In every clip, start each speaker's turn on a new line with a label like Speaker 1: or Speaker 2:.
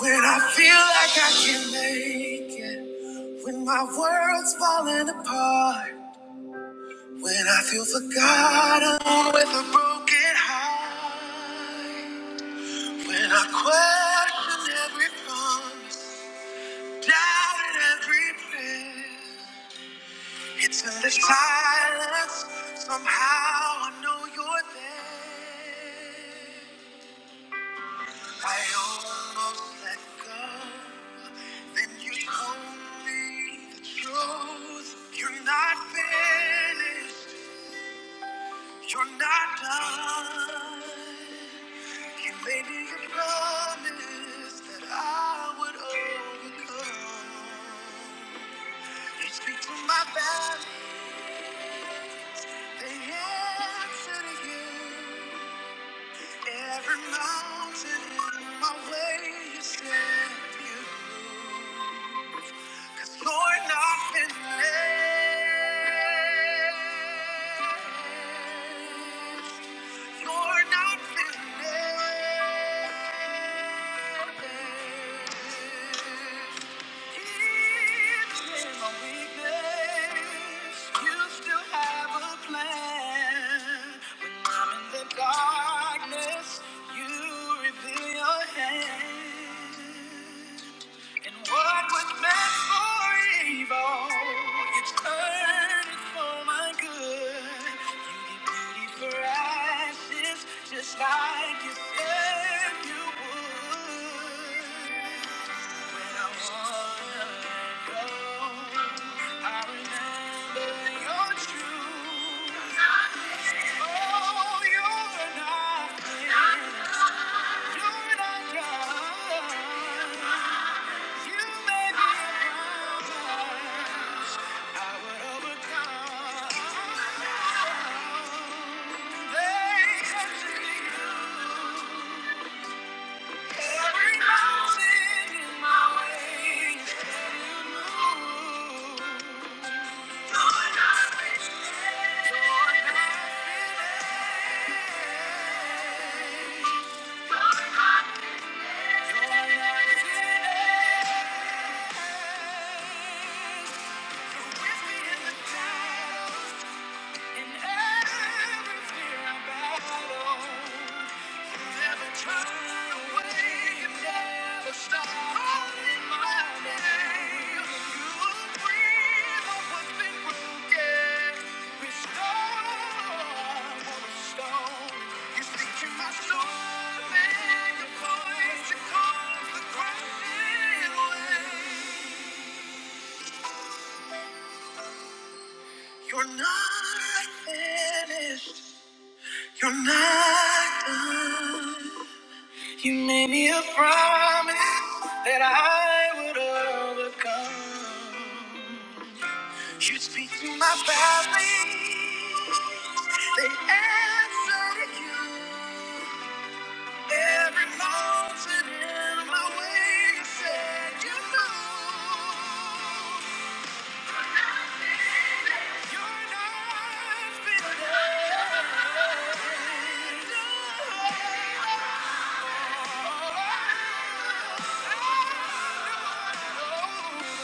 Speaker 1: When I feel like I can not make it, when my world's falling apart, when I feel forgotten with a broken heart, when I question every promise, doubted every prayer, it's in the silence somehow I know you're there. I almost let go. Then you told me the truth. You're not finished. You're not done. You made me a promise that I would overcome. You speak to my valley. They answer to you. Every mountain in my way, you said you. Cause you're not finished. You're not finished. Even in my weakness, you still have a plan. When I'm in the darkness, you reveal your hand. And what was meant for evil, you turned it for my good. You did beauty for ashes, just like you said you would. When I wanna go, I remember your truth. Oh, you're not dead. you're not done. You made me a promise. in With me in the Yeah. In every fear I battle, you never turn away, you never stop calling my name. You breathe on what's been broken, restore what You speak to my soul, and your voice it the crashing waves. You're not finished. You're not done. You made me a promise that I would overcome. You speak to my valleys, they answer to you. Every mountain in my way, you said you know. You're not finished. No.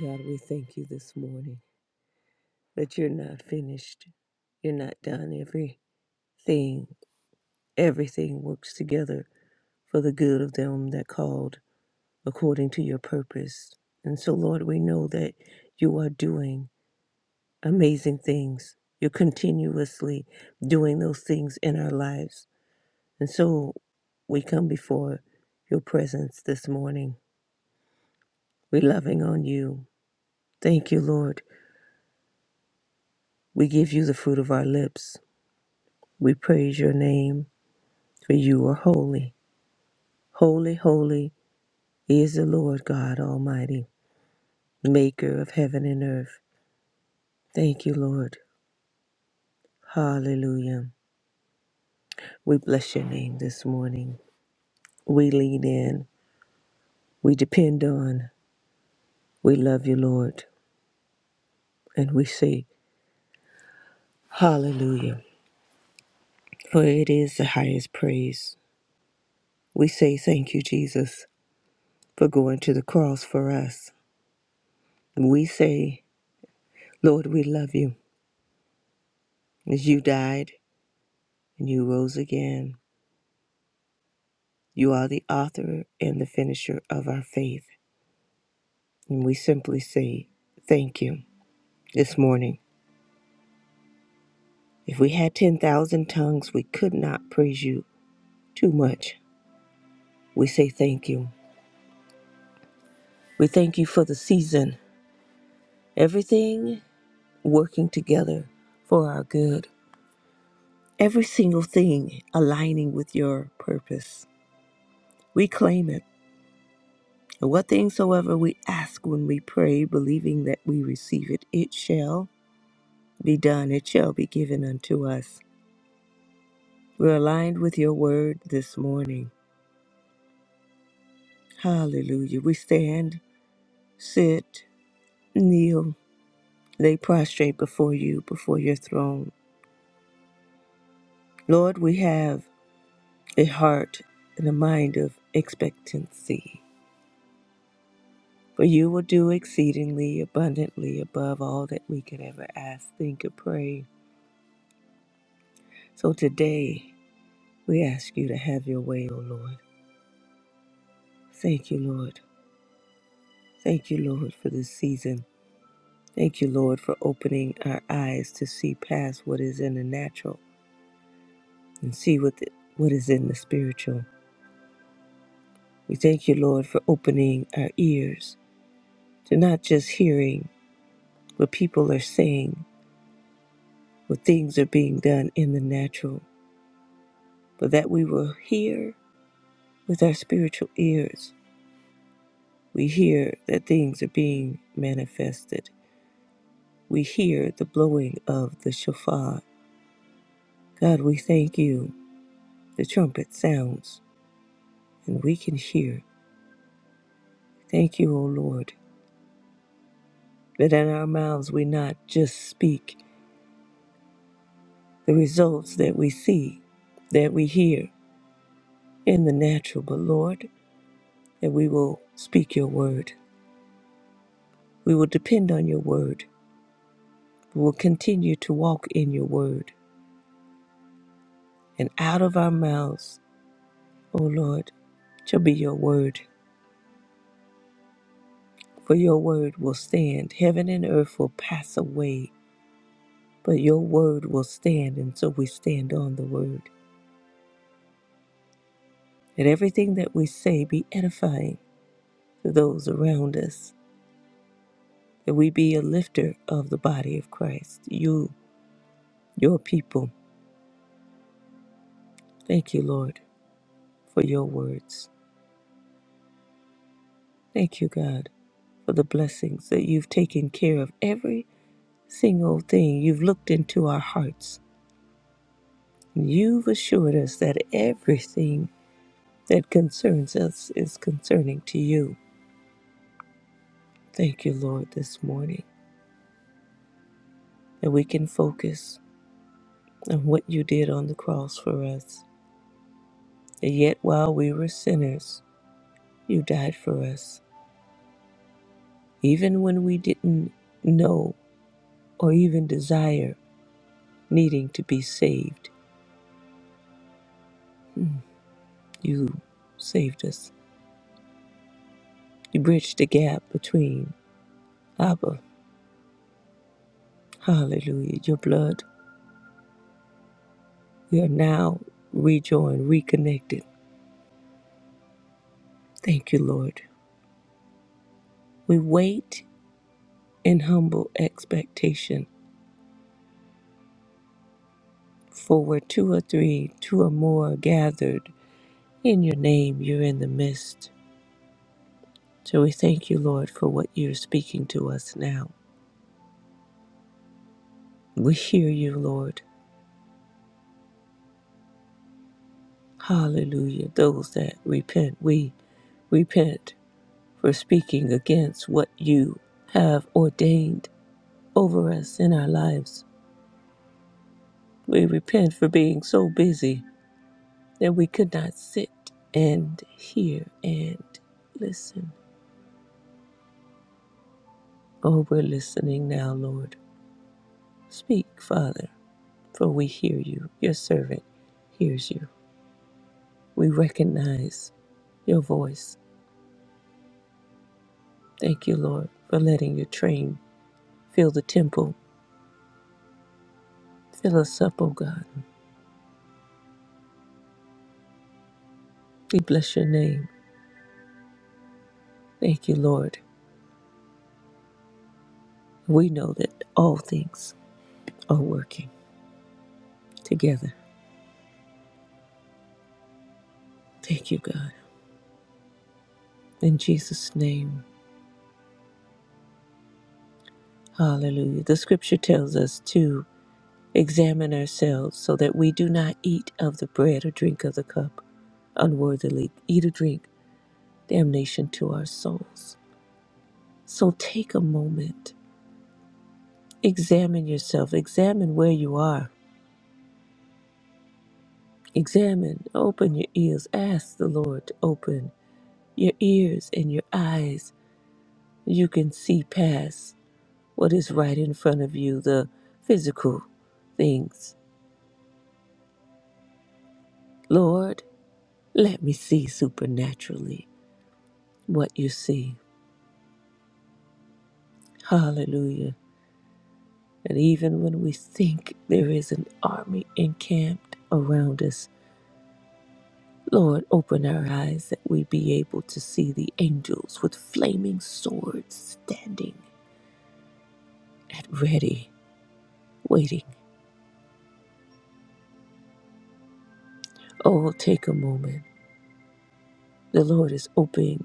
Speaker 1: God, we thank you this morning that you're not finished. You're not done. Everything, everything works together for the good of them that called according to your purpose. And so, Lord, we know that you are doing amazing things. You're continuously doing those things in our lives. And so we come before your presence this morning. We're loving on you. Thank you, Lord. We give you the fruit of our lips. We praise your name, for you are holy. Holy, holy is the Lord God Almighty, maker of heaven and earth. Thank you, Lord. Hallelujah. We bless your name this morning. We lean in. We depend on. We love you, Lord. And we say, Hallelujah. For it is the highest praise. We say, Thank you, Jesus, for going to the cross for us. We say, Lord, we love you as you died and you rose again. You are the author and the finisher of our faith. And we simply say, Thank you this morning. If we had 10,000 tongues, we could not praise you too much. We say thank you. We thank you for the season, everything working together for our good, every single thing aligning with your purpose. We claim it. And what things soever we ask when we pray, believing that we receive it, it shall be done, it shall be given unto us. We're aligned with your word this morning. Hallelujah. We stand, sit, kneel, lay prostrate before you, before your throne Lord, we have a heart and a mind of expectancy, for you will do exceedingly abundantly above all that we could ever ask, think, or pray. So today, we ask you to have your way, O Lord. Thank you, Lord. Thank you, Lord, for this season. Thank you, Lord, for opening our eyes to see past what is in the natural and see what, the, what is in the spiritual. We thank you, Lord, for opening our ears to not just hearing what people are saying, what things are being done in the natural, but that we will hear with our spiritual ears. We hear that things are being manifested. We hear the blowing of the shofar. God, we thank you. The trumpet sounds and we can hear. Thank you, O Lord, that in our mouths we not just speak the results that we see, that we hear in the natural, but Lord, that we will speak your word We will depend on your word. We will continue to walk in your word. And out of our mouths, O Lord, shall be your word. For your word will stand. Heaven and earth will pass away, but your word will stand. And so we stand on the word. That everything that we say be edifying to those around us. That we be a lifter of the body of Christ. You, your people. Thank you, Lord, for your words. Thank you, God, for the blessings that you've taken care of every single thing. You've looked into our hearts. and You've assured us that everything that concerns us is concerning to you. Thank you, Lord, this morning that we can focus on what you did on the cross for us. That yet, while we were sinners, you died for us, even when we didn't know or even desire needing to be saved. Mm, You saved us You bridge the gap between Abba, hallelujah, your blood. We are now rejoined, reconnected. Thank you, Lord. We wait in humble expectation, for where two or three, two or more are gathered in your name, you're in the midst. So we thank you, Lord, for what you're speaking to us now. We hear you, Lord. Hallelujah. Those that repent, we repent for speaking against what you have ordained over us in our lives. We repent for being so busy that we could not sit and hear and listen. Oh, we're listening now, Lord. Speak, Father, for we hear you. Your servant hears you. We recognize your voice. Thank you, Lord, for letting your train fill the temple. Fill us up, O God. We bless your name. Thank you, Lord. We know that all things are working together. Thank you, God. In Jesus' name, hallelujah. The scripture tells us to examine ourselves so that we do not eat of the bread or drink of the cup unworthily, eat or drink damnation to our souls. So take a moment, examine yourself, examine where you are, examine, open your ears, ask the Lord to open your ears and your eyes. You can see past what is right in front of you, the physical things. Lord, Let me see supernaturally what you see. Hallelujah. And even when we think there is an army encamped around us, Lord, open our eyes that we be able to see the angels with flaming swords standing at ready, waiting. Oh, take a moment. The Lord is opening,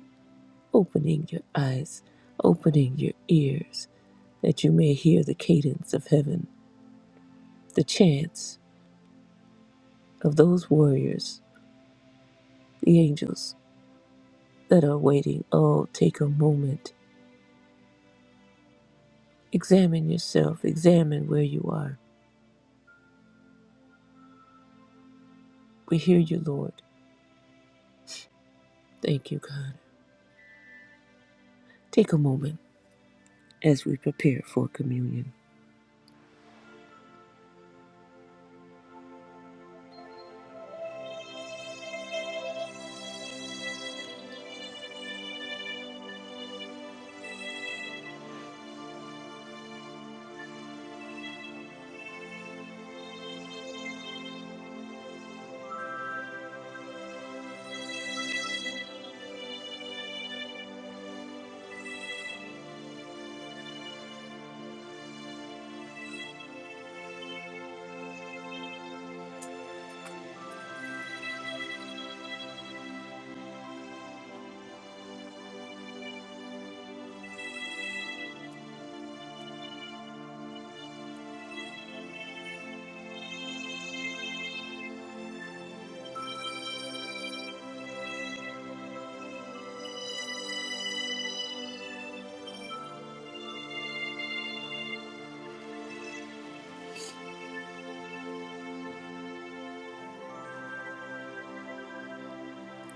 Speaker 1: opening your eyes, opening your ears, that you may hear the cadence of heaven, the chants of those warriors The angels that are waiting, oh, take a moment. Examine yourself, examine where you are. We hear you, Lord. Thank you, God. Take a moment as we prepare for communion.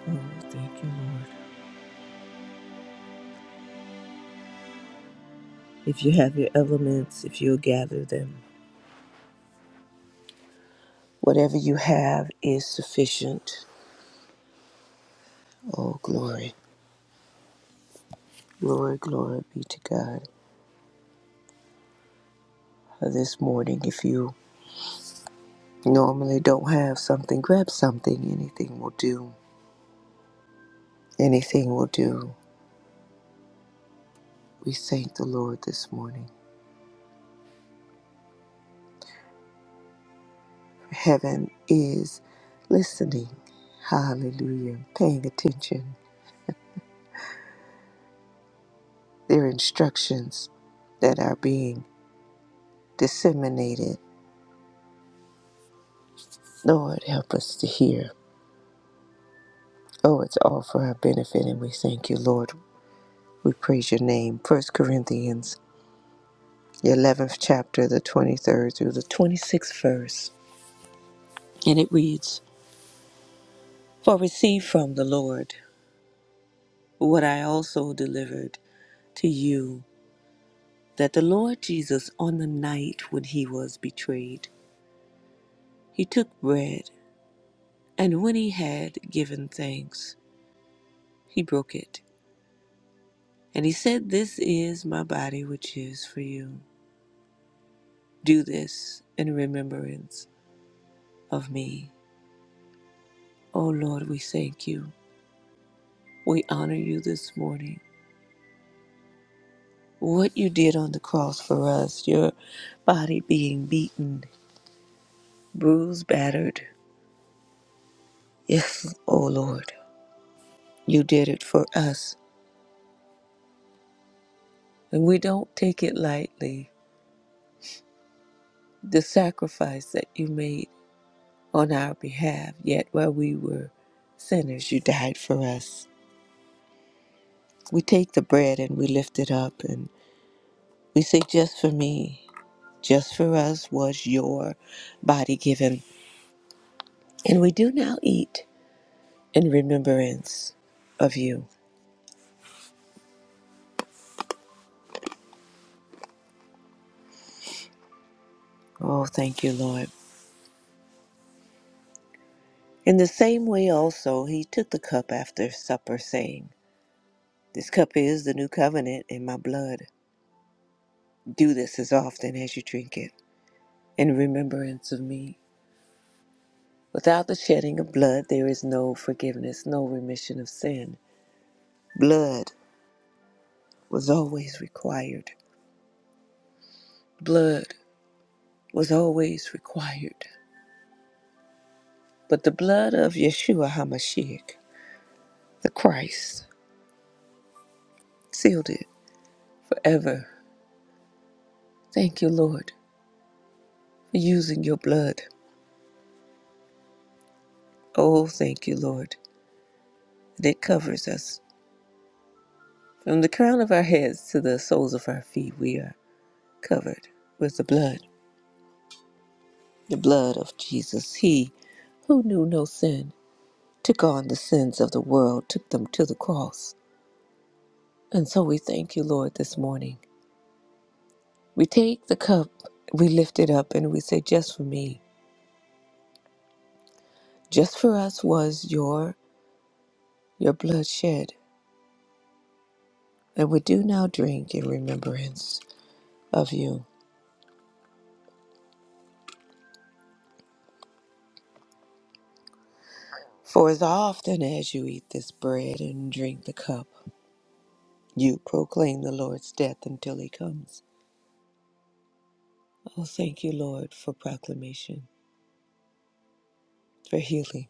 Speaker 1: Oh, thank you, Lord. If you have your elements, if you'll gather them, whatever you have is sufficient. Oh, glory, glory, glory be to God. Uh, This morning, if you normally don't have something, grab something. Anything will do. Anything will do. We thank the Lord this morning. Heaven is listening. Hallelujah. Paying attention. There are instructions that are being disseminated. Lord, help us to hear. Oh, it's all for our benefit, and we thank you, Lord. We praise your name. First Corinthians, the 11th chapter, the 23rd through the 26th verse. And it reads For receive from the Lord what I also delivered to you that the Lord Jesus, on the night when he was betrayed, he took bread, and when he had given thanks, he broke it. And he said, This is my body, which is for you. Do this in remembrance of me. Oh Lord, we thank you. We honor you this morning. What you did on the cross for us, your body being beaten, bruised, battered. Yes, oh Lord, you did it for us. And we don't take it lightly, the sacrifice that you made on our behalf, yet while we were sinners, you died for us. We take the bread and we lift it up and we say, Just for me, just for us was your body given. And we do now eat in remembrance of you. Oh, thank you, Lord. In the same way, also, he took the cup after supper, saying, This cup is the new covenant in my blood. Do this as often as you drink it in remembrance of me. Without the shedding of blood, there is no forgiveness, no remission of sin. Blood was always required. Blood was always required. But the blood of Yeshua HaMashiach, the Christ, sealed it forever. Thank you, Lord, for using your blood. Oh, thank you, Lord, that it covers us. From the crown of our heads to the soles of our feet, we are covered with the blood. The blood of Jesus, he who knew no sin, took on the sins of the world, took them to the cross. And so we thank you, Lord, this morning. We take the cup, we lift it up, and we say, Just for me, just for us was your your blood shed. And we do now drink in remembrance of you. For as often as you eat this bread and drink the cup, you proclaim the Lord's death until he comes. Oh, thank you, Lord, for proclamation, for healing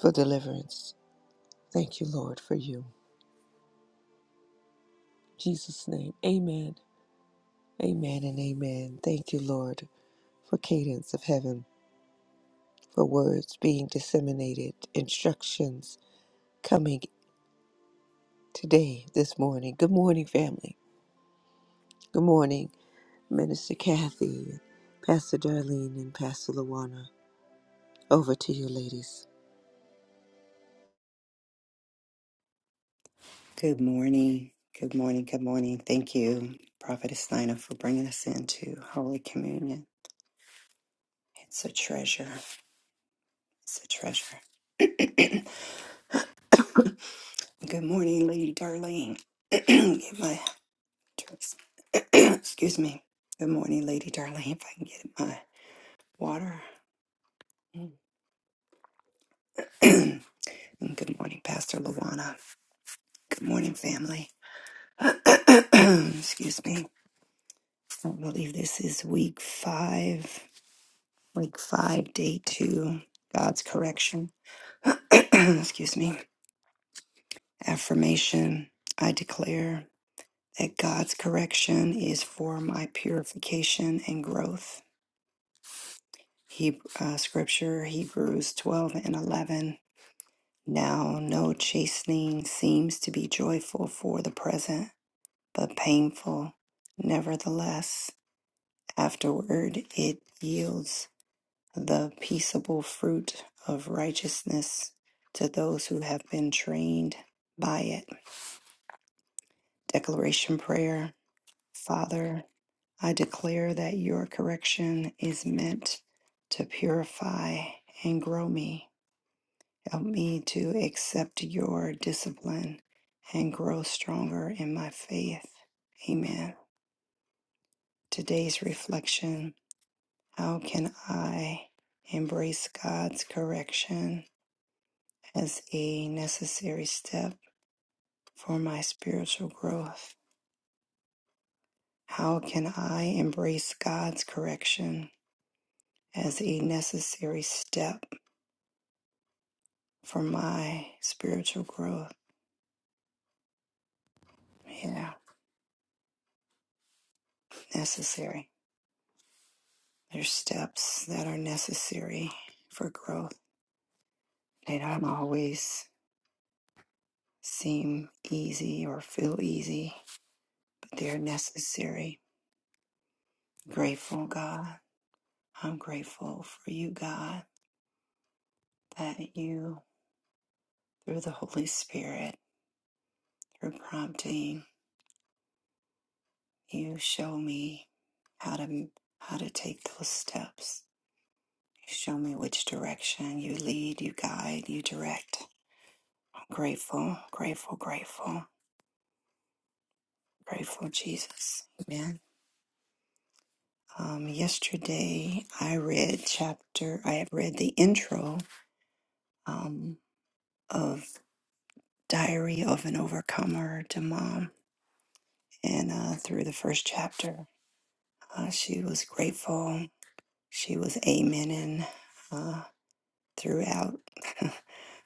Speaker 1: for deliverance. Thank you, Lord, for you. In Jesus' name, amen. Amen and amen. Thank you, Lord, for cadence of heaven, for words being disseminated, instructions coming today, this morning. Good morning, family. Good morning, Minister Kathy, Pastor Darlene, and Pastor Luana. Over to you, ladies.
Speaker 2: Good morning. Good morning. Good morning. Thank you, Prophetess Nina, for bringing us into Holy Communion. It's a treasure. It's a treasure. Good morning, Lady Darlene. get my dress. Excuse me. Good morning, Lady Darlene. If I can get my water. Mm. and good morning, Pastor Luana. Good morning, family. Excuse me. I believe this is week five. Week five, day two. God's correction. excuse me, affirmation. I declare that God's correction is for my purification and growth. He, uh, scripture Hebrews 12 and 11. Now, no chastening seems to be joyful for the present, but painful. Nevertheless, afterward it yields the peaceable fruit of righteousness to those who have been trained by it. Declaration Prayer Father, I declare that your correction is meant to purify and grow me. Help me to accept your discipline and grow stronger in my faith. Amen. Today's reflection How can I embrace God's correction as a necessary step for my spiritual growth? How can I embrace God's correction as a necessary step? for my spiritual growth. Yeah, necessary. There's steps that are necessary for growth. They don't always seem easy or feel easy, but they're necessary. Grateful, God. I'm grateful for you, God, that you, through the Holy Spirit, through prompting, you show me how to how to take those steps. You show me which direction you lead, you guide, you direct Grateful, grateful, grateful, grateful, Jesus. Amen. Um, yesterday I read chapter, I have read the intro um, of Diary of an Overcomer to Mom. And uh, through the first chapter, uh, she was grateful. She was amening uh, throughout.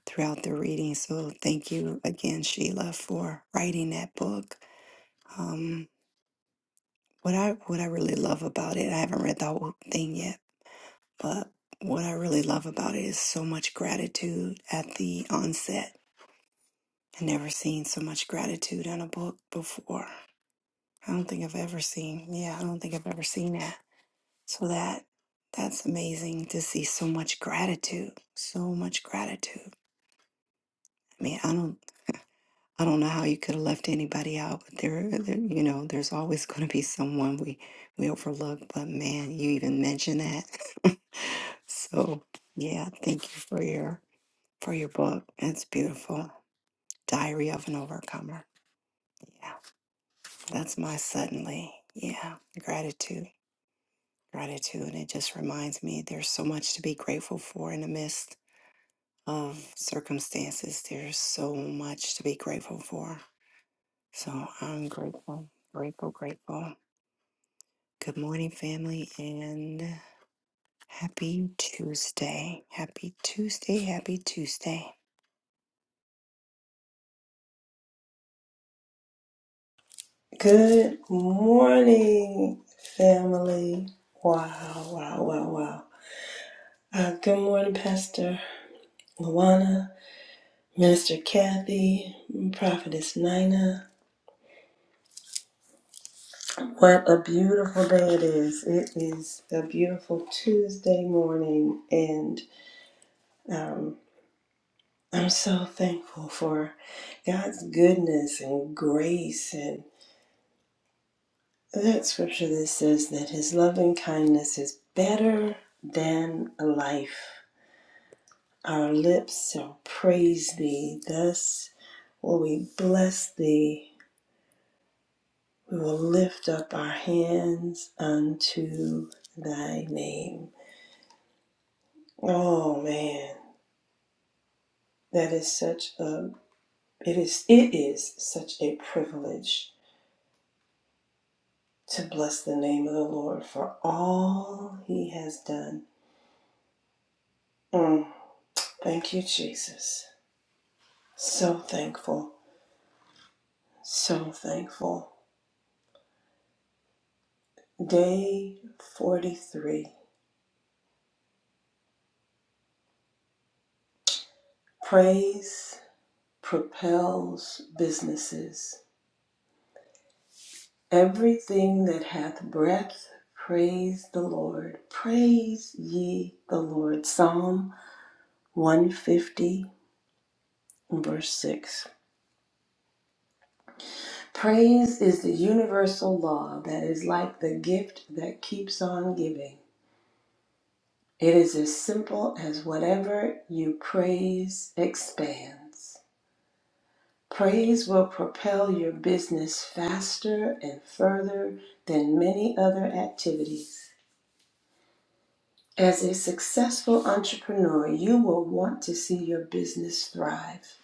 Speaker 2: throughout the reading so thank you again sheila for writing that book um, what I what I really love about it, I haven't read the whole thing yet, But what I really love about it is so much gratitude at the onset. I never seen so much gratitude in a book before. I don't think I've ever seen. Yeah, I don't think I've ever seen that. So that that's amazing to see so much gratitude. So much gratitude. I mean, I don't I don't know how you could have left anybody out, but there, there you know, there's always going to be someone we we overlook, but man, you even mentioned that. So, yeah, thank you for your for your book. It's beautiful. Diary of an Overcomer. Yeah, that's my suddenly. Yeah, gratitude. Gratitude. And it just reminds me there's so much to be grateful for in the midst of circumstances. There's so much to be grateful for. So I'm grateful, grateful, grateful. Good morning, family, and happy Tuesday. Happy Tuesday. Happy Tuesday.
Speaker 3: Good morning, family. Wow, wow, wow, wow. Uh, good morning, Pastor Luana, Minister Kathy, Prophetess Nina. What a beautiful day it is. It is a beautiful Tuesday morning, and um, I'm so thankful for God's goodness and grace. And that scripture that says that His loving kindness is better than life. Our lips shall praise thee. Thus will we bless thee. We will lift up our hands unto thy name. Oh man, that is such a it is it is such a privilege to bless the name of the Lord for all he has done. Mm, thank you, Jesus. So thankful. So thankful. Day 43. Praise propels businesses. Everything that hath breath, praise the Lord. Praise ye the Lord. Psalm 150, verse 6. Praise is the universal law that is like the gift that keeps on giving. It is as simple as whatever you praise expands. Praise will propel your business faster and further than many other activities. As a successful entrepreneur, you will want to see your business thrive.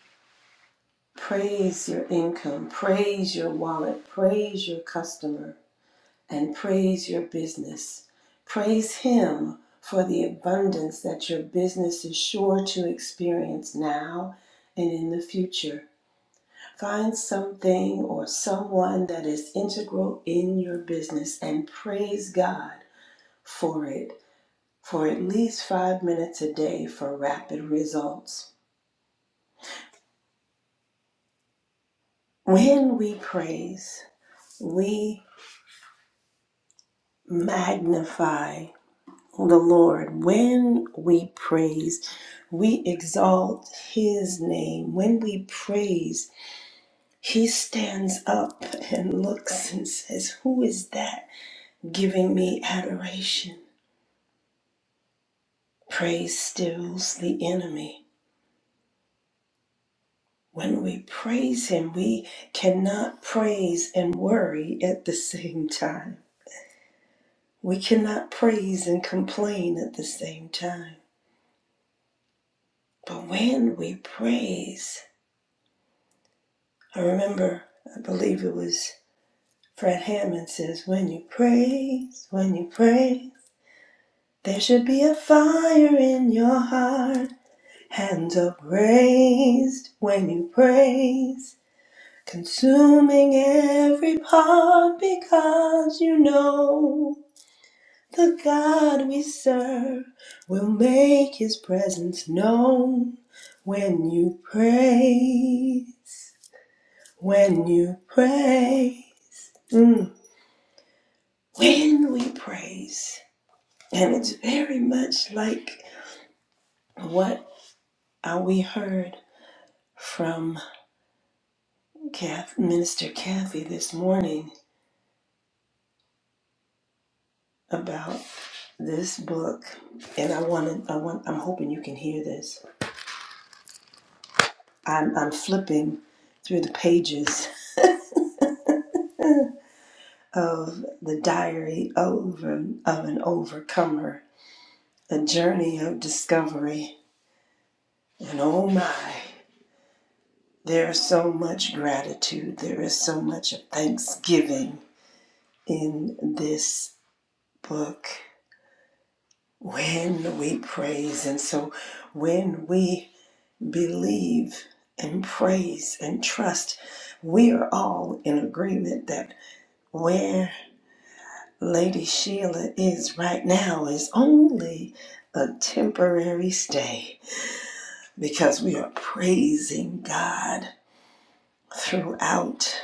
Speaker 3: Praise your income, praise your wallet, praise your customer, and praise your business. Praise Him for the abundance that your business is sure to experience now and in the future. Find something or someone that is integral in your business and praise God for it for at least five minutes a day for rapid results. When we praise, we magnify the Lord. When we praise, we exalt His name. When we praise, He stands up and looks and says, Who is that giving me adoration? Praise stills the enemy. When we praise Him, we cannot praise and worry at the same time. We cannot praise and complain at the same time. But when we praise, I remember, I believe it was Fred Hammond says, when you praise, when you praise, there should be a fire in your heart. Hands up raised when you praise. Consuming every part because you know the God we serve will make his presence known when you pray, when you pray, Mm. when we praise. And it's very much like what uh, we heard from Kath, Minister Kathy this morning about. This book, and I want to, I want, I'm hoping you can hear this. I'm, I'm flipping through the pages of the diary of of an overcomer, a journey of discovery. And oh my, there's so much gratitude, there is so much thanksgiving in this book when we praise. And so when we believe and praise and trust. We are all in agreement that where Lady Sheila is right now is only a temporary stay because we are praising God throughout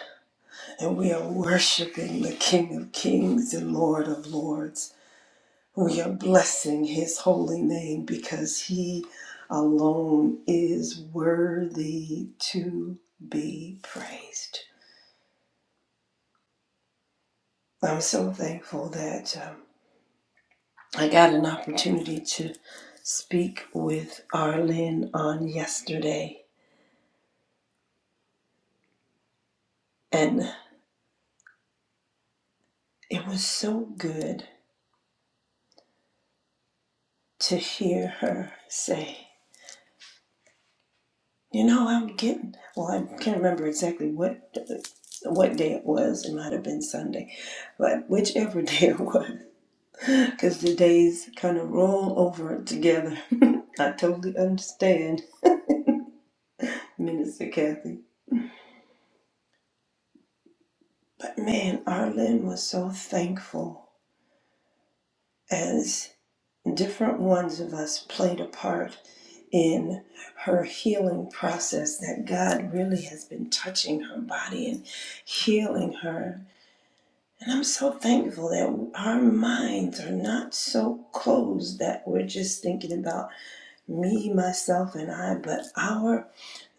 Speaker 3: and we are worshiping the King of Kings and Lord of Lords We are blessing his holy name because he alone is worthy to be praised. I'm so thankful that um, I got an opportunity to speak with Arlene on yesterday, and it was so good to hear her say, "You know, I'm getting." Well, I can't remember exactly what what day it was. It might have been Sunday, but whichever day it was. because the days kind of roll over together. I totally understand, Minister Kathy. But man, Arlen was so thankful as different ones of us played a part in her healing process that God really has been touching her body and healing her. And I'm so thankful that our minds are not so closed that we're just thinking about me, myself, and I, but our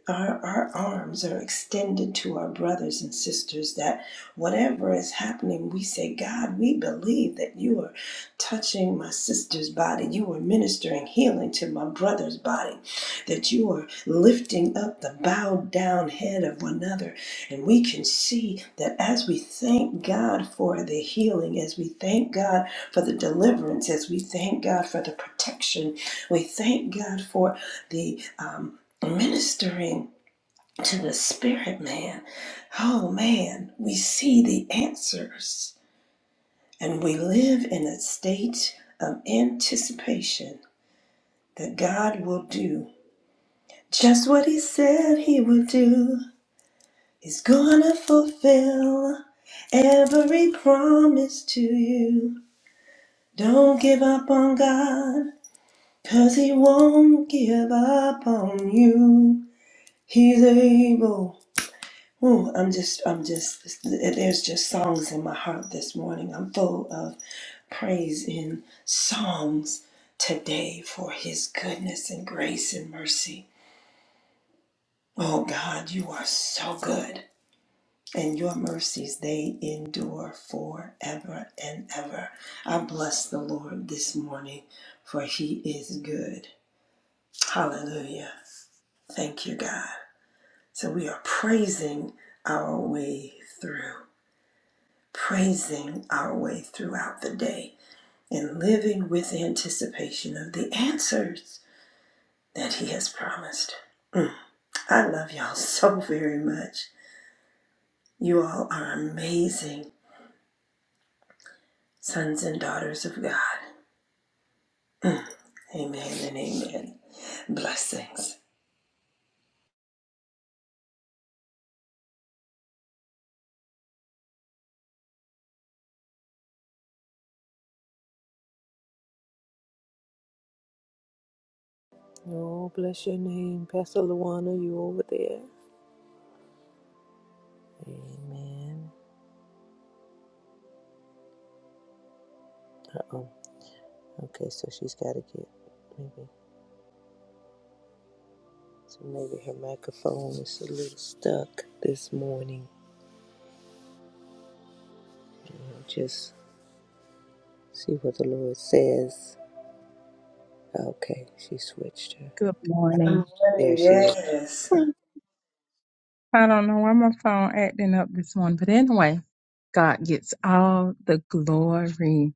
Speaker 3: our, our arms are extended to our brothers and sisters that whatever is happening, we say, God, we believe that you are touching my sister's body. You are ministering healing to my brother's body, that you are lifting up the bowed down head of one another. And we can see that as we thank God for the healing, as we thank God for the deliverance, as we thank God for the protection, we thank God for the. um ministering to the spirit man oh man we see the answers and we live in a state of anticipation that god will do just what he said he would do he's gonna fulfill every promise to you don't give up on god cause he won't give up on you he's able Whew, I'm just, I'm just, there's just songs in my heart this morning. I'm full of praise in songs today for his goodness and grace and mercy. Oh God, you are so good. And your mercies, they endure forever and ever. I bless the Lord this morning, for he is good. Hallelujah. Thank you, God. So we are praising our way through. praising our way throughout the day and living with anticipation of the answers that He has promised. I love y'all so very much. You all are amazing sons and daughters of God. Amen and amen. Blessings.
Speaker 1: Oh, bless your name, Pastor Luana. You over there? Amen. Uh oh. Okay, so she's got to get maybe. So maybe her microphone is a little stuck this morning. Just see what the Lord says. Okay, she switched her.
Speaker 4: Good
Speaker 3: Amen.
Speaker 4: morning.
Speaker 1: There she is.
Speaker 3: Yes.
Speaker 4: Hmm, I don't know why my phone acting up this morning, but anyway, God gets all the glory.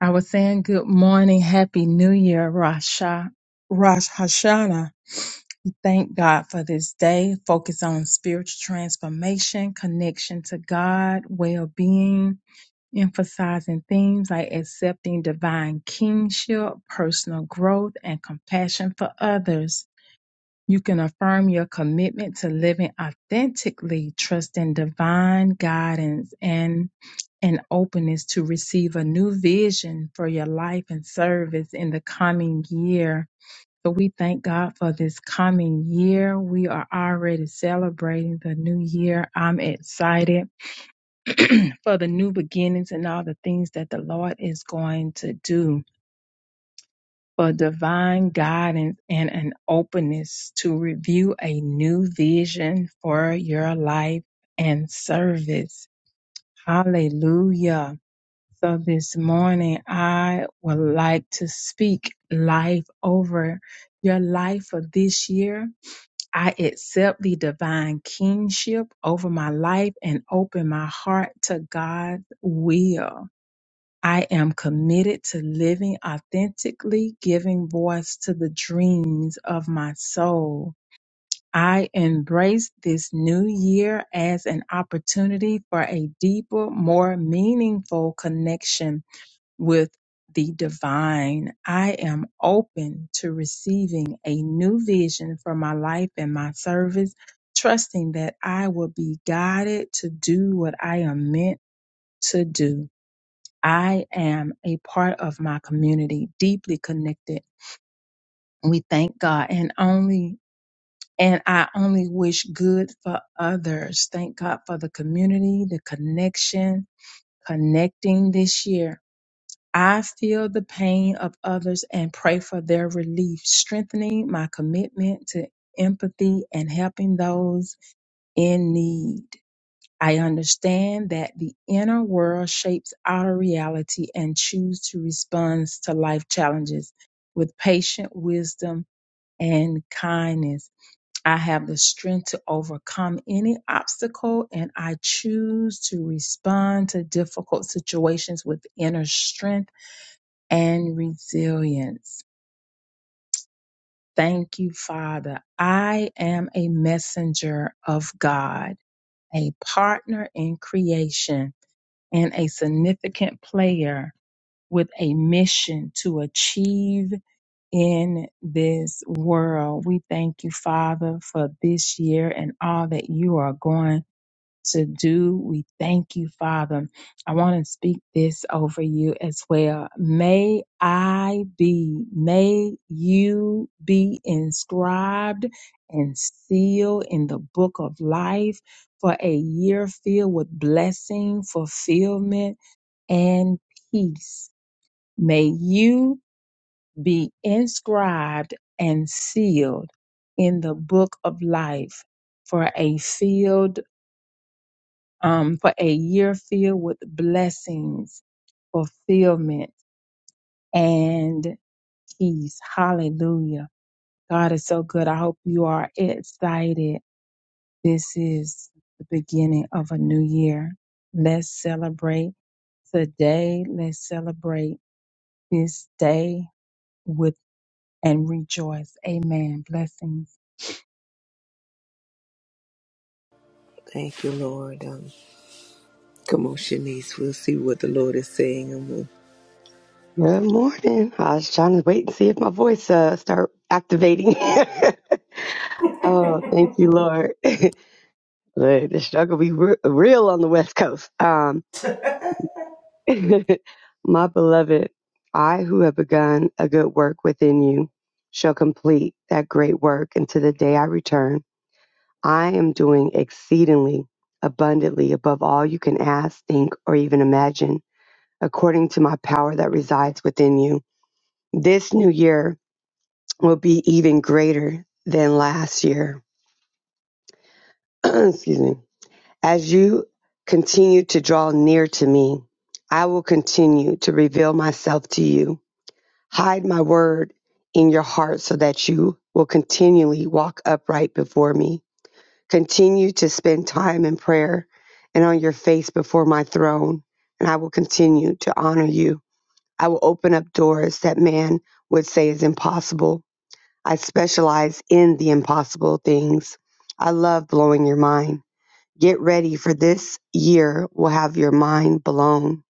Speaker 4: I was saying good morning, happy new year, Rasha, Rosh Hashanah. Thank God for this day. Focus on spiritual transformation, connection to God, well-being, emphasizing themes like accepting divine kingship, personal growth, and compassion for others. You can affirm your commitment to living authentically, trusting divine guidance and an openness to receive a new vision for your life and service in the coming year. So we thank God for this coming year. We are already celebrating the new year. I'm excited for the new beginnings and all the things that the Lord is going to do for divine guidance and an openness to review a new vision for your life and service. Hallelujah. So this morning, I would like to speak life over your life for this year. I accept the divine kingship over my life and open my heart to God's will. I am committed to living authentically, giving voice to the dreams of my soul. I embrace this new year as an opportunity for a deeper, more meaningful connection with the divine. I am open to receiving a new vision for my life and my service, trusting that I will be guided to do what I am meant to do. I am a part of my community, deeply connected. We thank God and only and I only wish good for others. Thank God for the community, the connection, connecting this year. I feel the pain of others and pray for their relief, strengthening my commitment to empathy and helping those in need. I understand that the inner world shapes outer reality and choose to respond to life challenges with patient wisdom and kindness. I have the strength to overcome any obstacle and I choose to respond to difficult situations with inner strength and resilience. Thank you, Father. I am a messenger of God, a partner in creation and a significant player with a mission to achieve in this world. We thank you, Father, for this year and all that you are going to do. We thank you, Father. I want to speak this over you as well. May I be, may you be inscribed and sealed in the book of life for a year filled with blessing, fulfillment, and peace. May you be inscribed and sealed in the book of life for a field um, for a year filled with blessings, fulfillment, and peace. Hallelujah. God is so good. I hope you are excited. This is the beginning of a new year. Let's celebrate today. Let's celebrate this day with and rejoice. Amen. Blessings.
Speaker 1: Thank you, Lord. Um, come on, Shanice. We'll see what the Lord is saying. And we'll...
Speaker 5: Good morning. I was trying to wait and see if my voice uh start activating. oh, thank you, Lord. Look, the struggle be re- real on the West Coast. Um, my beloved, I who have begun a good work within you shall complete that great work until the day I return. I am doing exceedingly abundantly above all you can ask, think, or even imagine, according to my power that resides within you. This new year. will be even greater than last year. Excuse me. As you continue to draw near to me, I will continue to reveal myself to you. Hide my word in your heart so that you will continually walk upright before me. Continue to spend time in prayer and on your face before my throne, and I will continue to honor you. I will open up doors that man would say is impossible I specialize in the impossible things. I love blowing your mind. Get ready for this year will have your mind blown.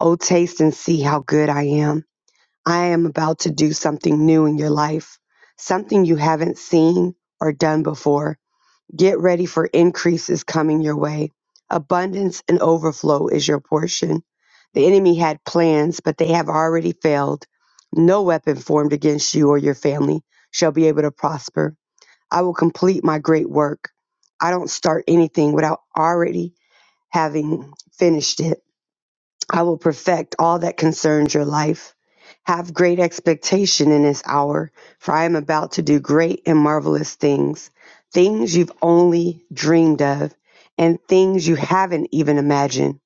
Speaker 5: Oh, taste and see how good I am. I am about to do something new in your life, something you haven't seen or done before. Get ready for increases coming your way. Abundance and overflow is your portion. The enemy had plans, but they have already failed. No weapon formed against you or your family shall be able to prosper. I will complete my great work. I don't start anything without already having finished it. I will perfect all that concerns your life. Have great expectation in this hour, for I am about to do great and marvelous things, things you've only dreamed of, and things you haven't even imagined.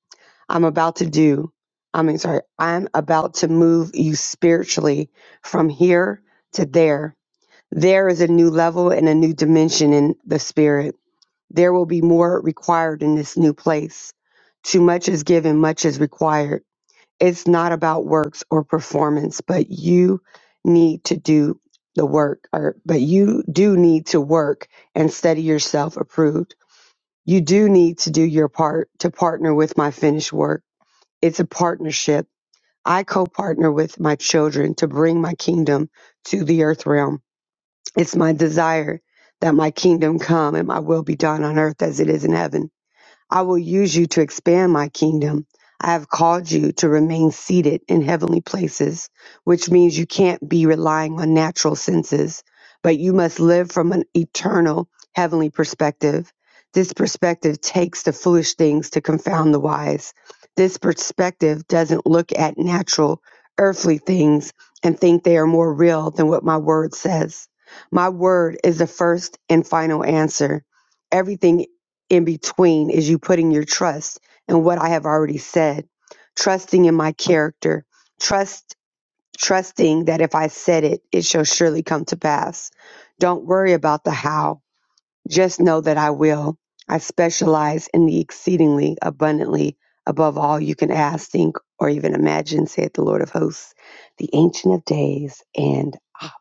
Speaker 5: I'm about to do, I mean, sorry, I'm about to move you spiritually from here to there there is a new level and a new dimension in the spirit. There will be more required in this new place. Too much is given, much is required. It's not about works or performance, but you need to do the work, or but you do need to work and study yourself approved. You do need to do your part to partner with my finished work. It's a partnership. I co partner with my children to bring my kingdom to the earth realm. It's my desire that my kingdom come and my will be done on earth as it is in heaven. I will use you to expand my kingdom. I have called you to remain seated in heavenly places, which means you can't be relying on natural senses, but you must live from an eternal heavenly perspective. This perspective takes the foolish things to confound the wise. This perspective doesn't look at natural, earthly things and think they are more real than what my word says. My word is the first and final answer. Everything in between is you putting your trust in what I have already said, trusting in my character, trust trusting that if I said it, it shall surely come to pass. Don't worry about the how. Just know that I will. I specialize in the exceedingly abundantly above all you can ask, think, or even imagine, saith the Lord of hosts, the ancient of days and Abba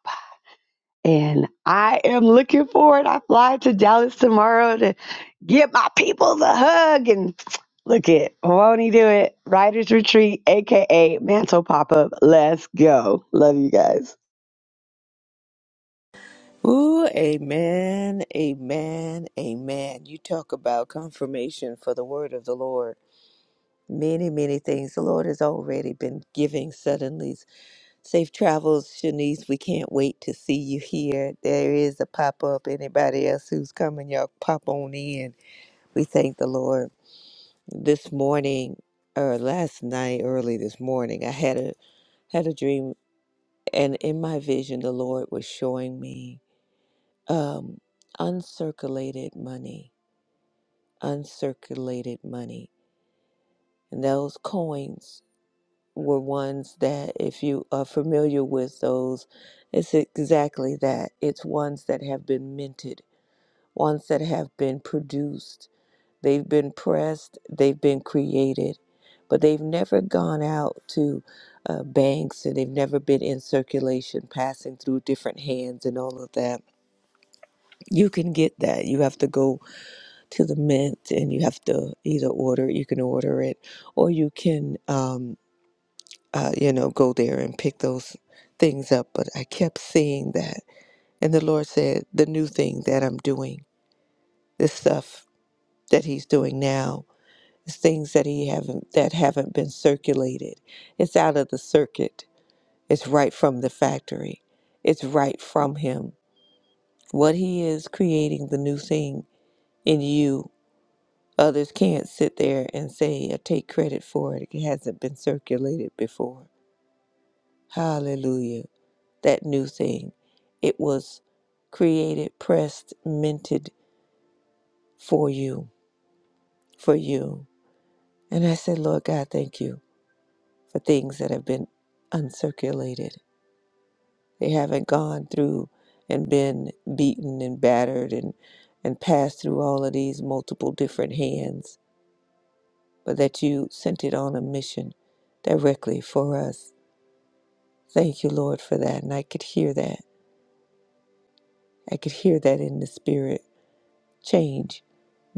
Speaker 5: and I am looking forward. I fly to Dallas tomorrow to give my people the hug and look it. Won't he do it? Writers Retreat, aka Mantle Pop Up. Let's go. Love you guys.
Speaker 1: Oh, amen, amen, amen. You talk about confirmation for the word of the Lord. Many, many things. The Lord has already been giving suddenly Safe travels, Shanice. We can't wait to see you here. There is a pop up. Anybody else who's coming, y'all pop on in. We thank the Lord. This morning, or last night, early this morning, I had a had a dream, and in my vision, the Lord was showing me um, uncirculated money, uncirculated money, and those coins. were ones that, if you are familiar with those, it's exactly that. It's ones that have been minted, ones that have been produced. They've been pressed, they've been created, but they've never gone out to uh, banks and they've never been in circulation, passing through different hands and all of that. You can get that. You have to go to the mint and you have to either order, you can order it, or you can. Um, uh, you know, go there and pick those things up. But I kept seeing that. And the Lord said, the new thing that I'm doing, this stuff that He's doing now, is things that He haven't that haven't been circulated. It's out of the circuit. It's right from the factory. It's right from Him. What He is creating the new thing in you. Others can't sit there and say or take credit for it. It hasn't been circulated before. Hallelujah. that new thing. It was created, pressed, minted for you, for you. And I said, Lord God, thank you for things that have been uncirculated. They haven't gone through and been beaten and battered and, and passed through all of these multiple different hands, but that you sent it on a mission directly for us. Thank you, Lord, for that. And I could hear that. I could hear that in the spirit. Change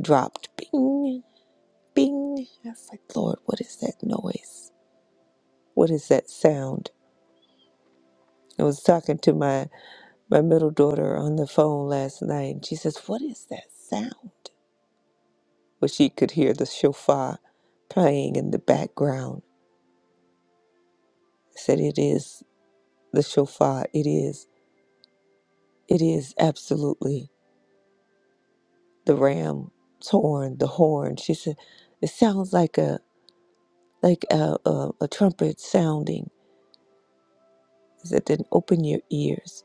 Speaker 1: dropped. Bing bing. I was like, Lord, what is that noise? What is that sound? I was talking to my, my middle daughter on the phone last night, and she says, What is that sound? Well, she could hear the shofar playing in the background. I said, It is the shofar. It is. It is absolutely the ram's horn, the horn. She said, It sounds like a like a, a, a trumpet sounding. I said, Then open your ears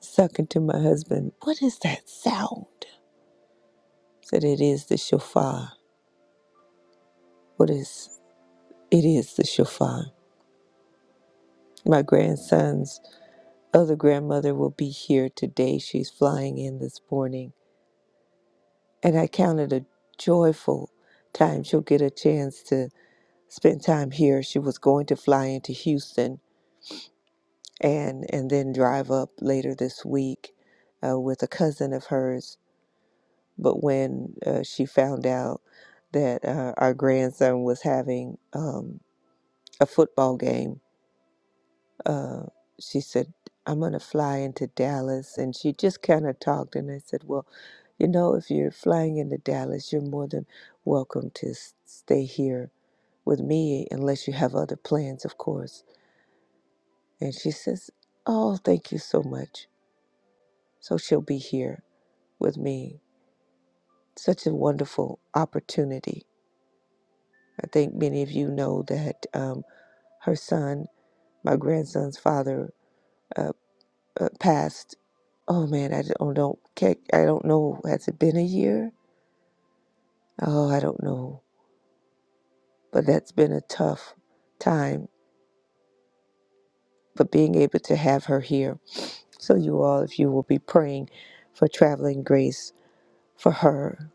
Speaker 1: Sucking to my husband, What is that sound? I Said it is the shofar. What is it is the shofar. My grandson's other grandmother will be here today. She's flying in this morning. And I counted a joyful time she'll get a chance to spend time here. She was going to fly into Houston and and then drive up later this week uh, with a cousin of hers But when uh, she found out that uh, our grandson was having um, a football game, uh, she said, I'm going to fly into Dallas. And she just kind of talked. And I said, Well, you know, if you're flying into Dallas, you're more than welcome to s- stay here with me, unless you have other plans, of course. And she says, Oh, thank you so much. So she'll be here with me. Such a wonderful opportunity. I think many of you know that um, her son, my grandson's father, uh, uh, passed. Oh man, I don't don't can't, I don't know. Has it been a year? Oh, I don't know. But that's been a tough time. But being able to have her here, so you all, if you will be praying for traveling grace for her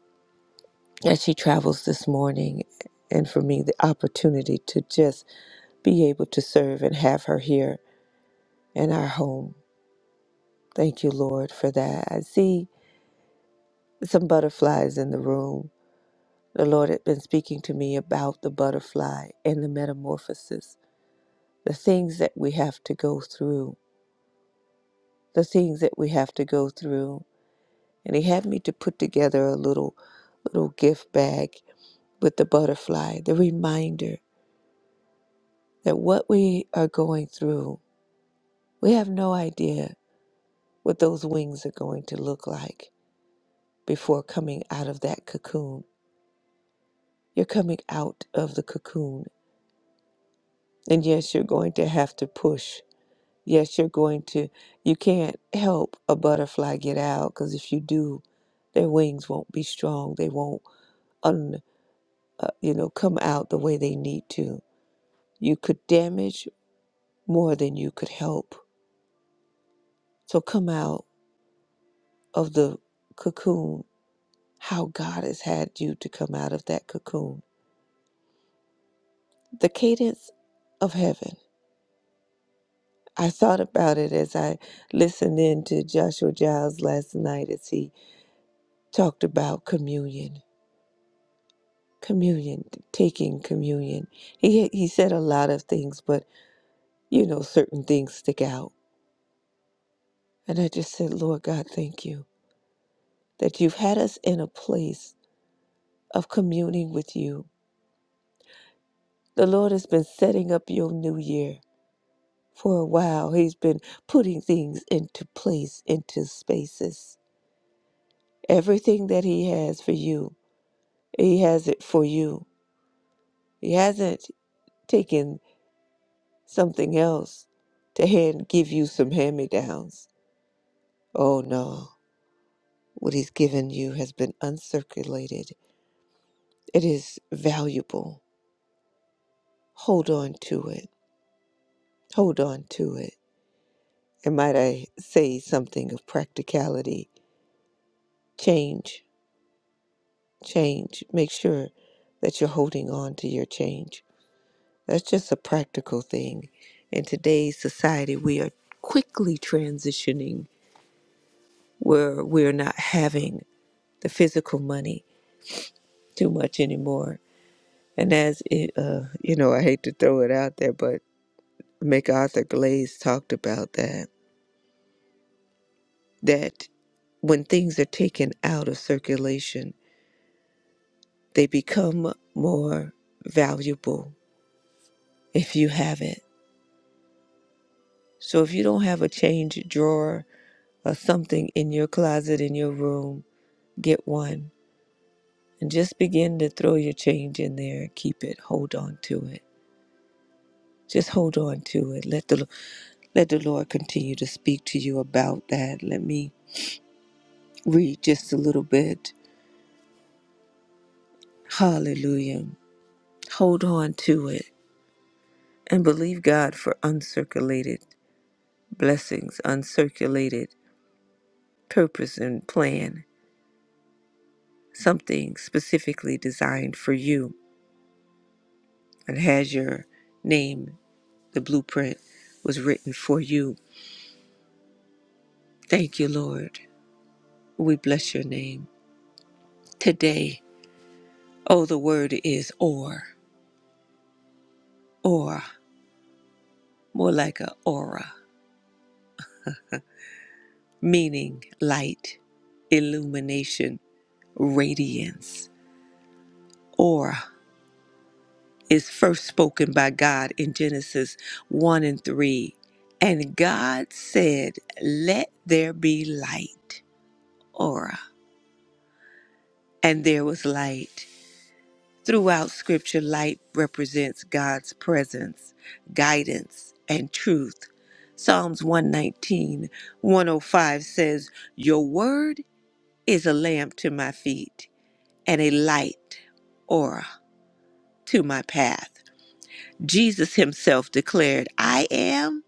Speaker 1: as she travels this morning, and for me the opportunity to just be able to serve and have her here in our home. Thank you, Lord, for that. I see some butterflies in the room. The Lord had been speaking to me about the butterfly and the metamorphosis, the things that we have to go through, the things that we have to go through. And He had me to put together a little, little gift bag with the butterfly, the reminder that what we are going through, we have no idea what those wings are going to look like before coming out of that cocoon. You're coming out of the cocoon And yes, you're going to have to push. Yes, you're going to, you can't help a butterfly get out because if you do, their wings won't be strong. They won't, un, uh, you know, come out the way they need to. You could damage more than you could help. So come out of the cocoon how God has had you to come out of that cocoon. The cadence of heaven. I thought about it as I listened in to Joshua Giles last night as he talked about communion, communion, taking communion. He he said a lot of things, but you know certain things stick out. And I just said, Lord God, thank you that you've had us in a place of communing with you. The Lord has been setting up your new year for a while. He's been putting things into place, into spaces. Everything that he has for you, he has it for you. He hasn't taken something else to hand give you some hand me downs. Oh no, what he's given you has been uncirculated. It is valuable. Hold on to it. Hold on to it. And might I say something of practicality? Change, change. Make sure that you're holding on to your change. That's just a practical thing. In today's society, we are quickly transitioning where we're not having the physical money too much anymore. And as it, uh, you know, I hate to throw it out there, but MacArthur Glaze talked about that. That when things are taken out of circulation, they become more valuable if you have it. So if you don't have a change drawer or something in your closet in your room, get one and just begin to throw your change in there. Keep it. Hold on to it. Just hold on to it. Let the Let the Lord continue to speak to you about that. Let me read just a little bit. Hallelujah. Hold on to it and believe God for uncirculated blessings, uncirculated purpose and plan, something specifically designed for you and has your name, the blueprint was written for you. Thank you, Lord. We bless your name. Today, oh, the word is or, or, more like a aura meaning light, illumination, radiance. aura is first spoken by God in Genesis 1 and 3. And God said, Let there be light. Aura. And there was light. Throughout Scripture, light represents God's presence, guidance, and truth. Psalms one nineteen one o five says, Your word is a lamp to my feet and a light aura to my path. Jesus himself declared, I am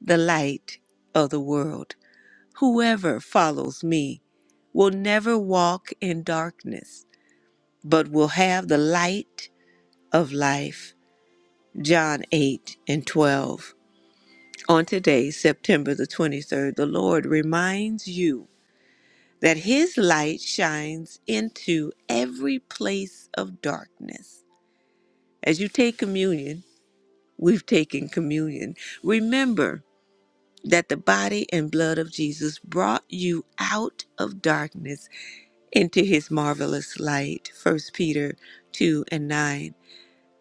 Speaker 1: the light of the world. Whoever follows me will never walk in darkness, but will have the light of life. John 8 and 12. On today, September the 23rd, the Lord reminds you that his light shines into every place of darkness. As you take communion, we've taken communion. Remember that the body and blood of Jesus brought you out of darkness into his marvelous light. First Peter 2 and 9.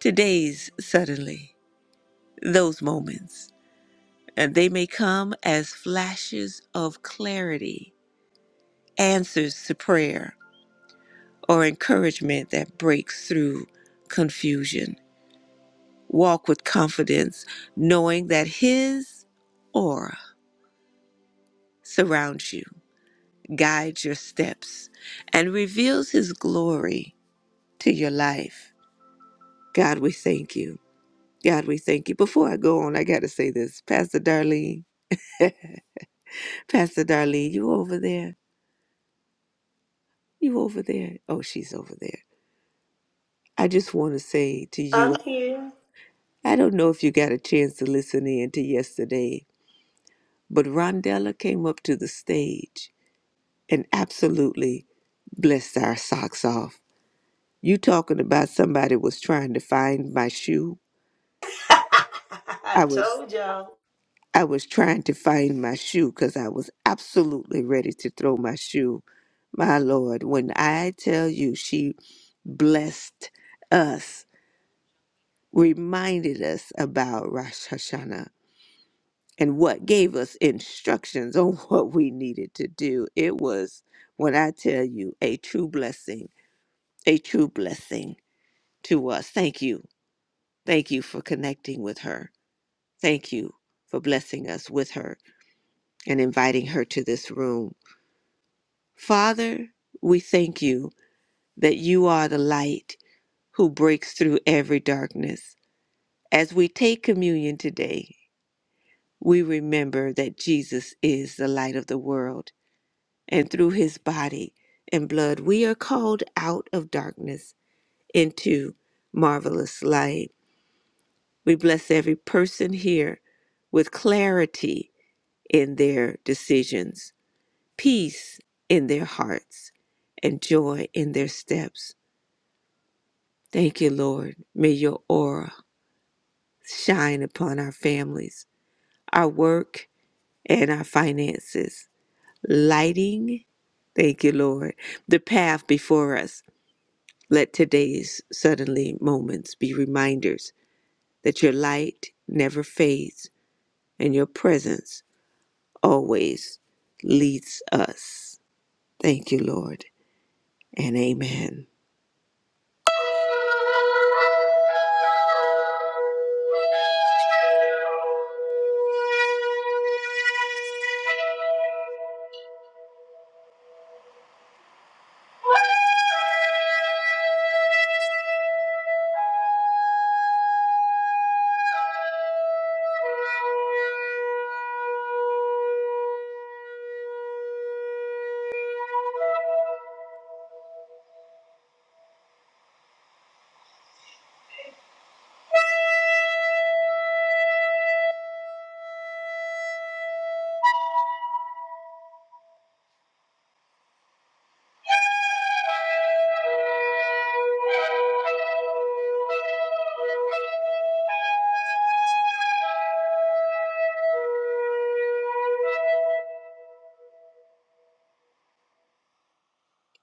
Speaker 1: Today's suddenly, those moments, and they may come as flashes of clarity, answers to prayer, or encouragement that breaks through confusion. Walk with confidence, knowing that his aura surrounds you guides your steps, and reveals His glory to your life. God, we thank you. God, we thank you. Before I go on, I got to say this. Pastor Darlene, Pastor Darlene, you over there? You over there? Oh, she's over there. I just want to say to you,
Speaker 3: I'm here.
Speaker 1: I don't know if you got a chance to listen in to yesterday, but Rondella came up to the stage and absolutely blessed our socks off. You talking about somebody was trying to find my shoe?
Speaker 3: I
Speaker 1: I was.
Speaker 3: told y'all.
Speaker 1: I was trying to find my shoe because I was absolutely ready to throw my shoe. My Lord, when I tell you she blessed us, reminded us about Rosh Hashanah, and what gave us instructions on what we needed to do, it was, when I tell you, a true blessing, a true blessing to us. Thank you. Thank you for connecting with her. Thank you for blessing us with her and inviting her to this room. Father, we thank you that you are the light who breaks through every darkness. As we take communion today, we remember that Jesus is the light of the world, and through his body and blood, we are called out of darkness into marvelous light. We bless every person here with clarity in their decisions, peace in their hearts, and joy in their steps. Thank you, Lord. May your aura shine upon our families, our work, and our finances, lighting, thank you, Lord, the path before us. Let today's suddenly moments be reminders that your light never fades and your presence always leads us. Thank you, Lord, and amen.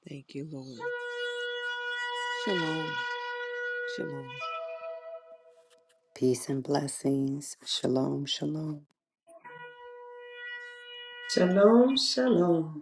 Speaker 1: Thank you, Lord. Shalom. Shalom.
Speaker 2: Peace and blessings. Shalom, shalom.
Speaker 3: Shalom, shalom.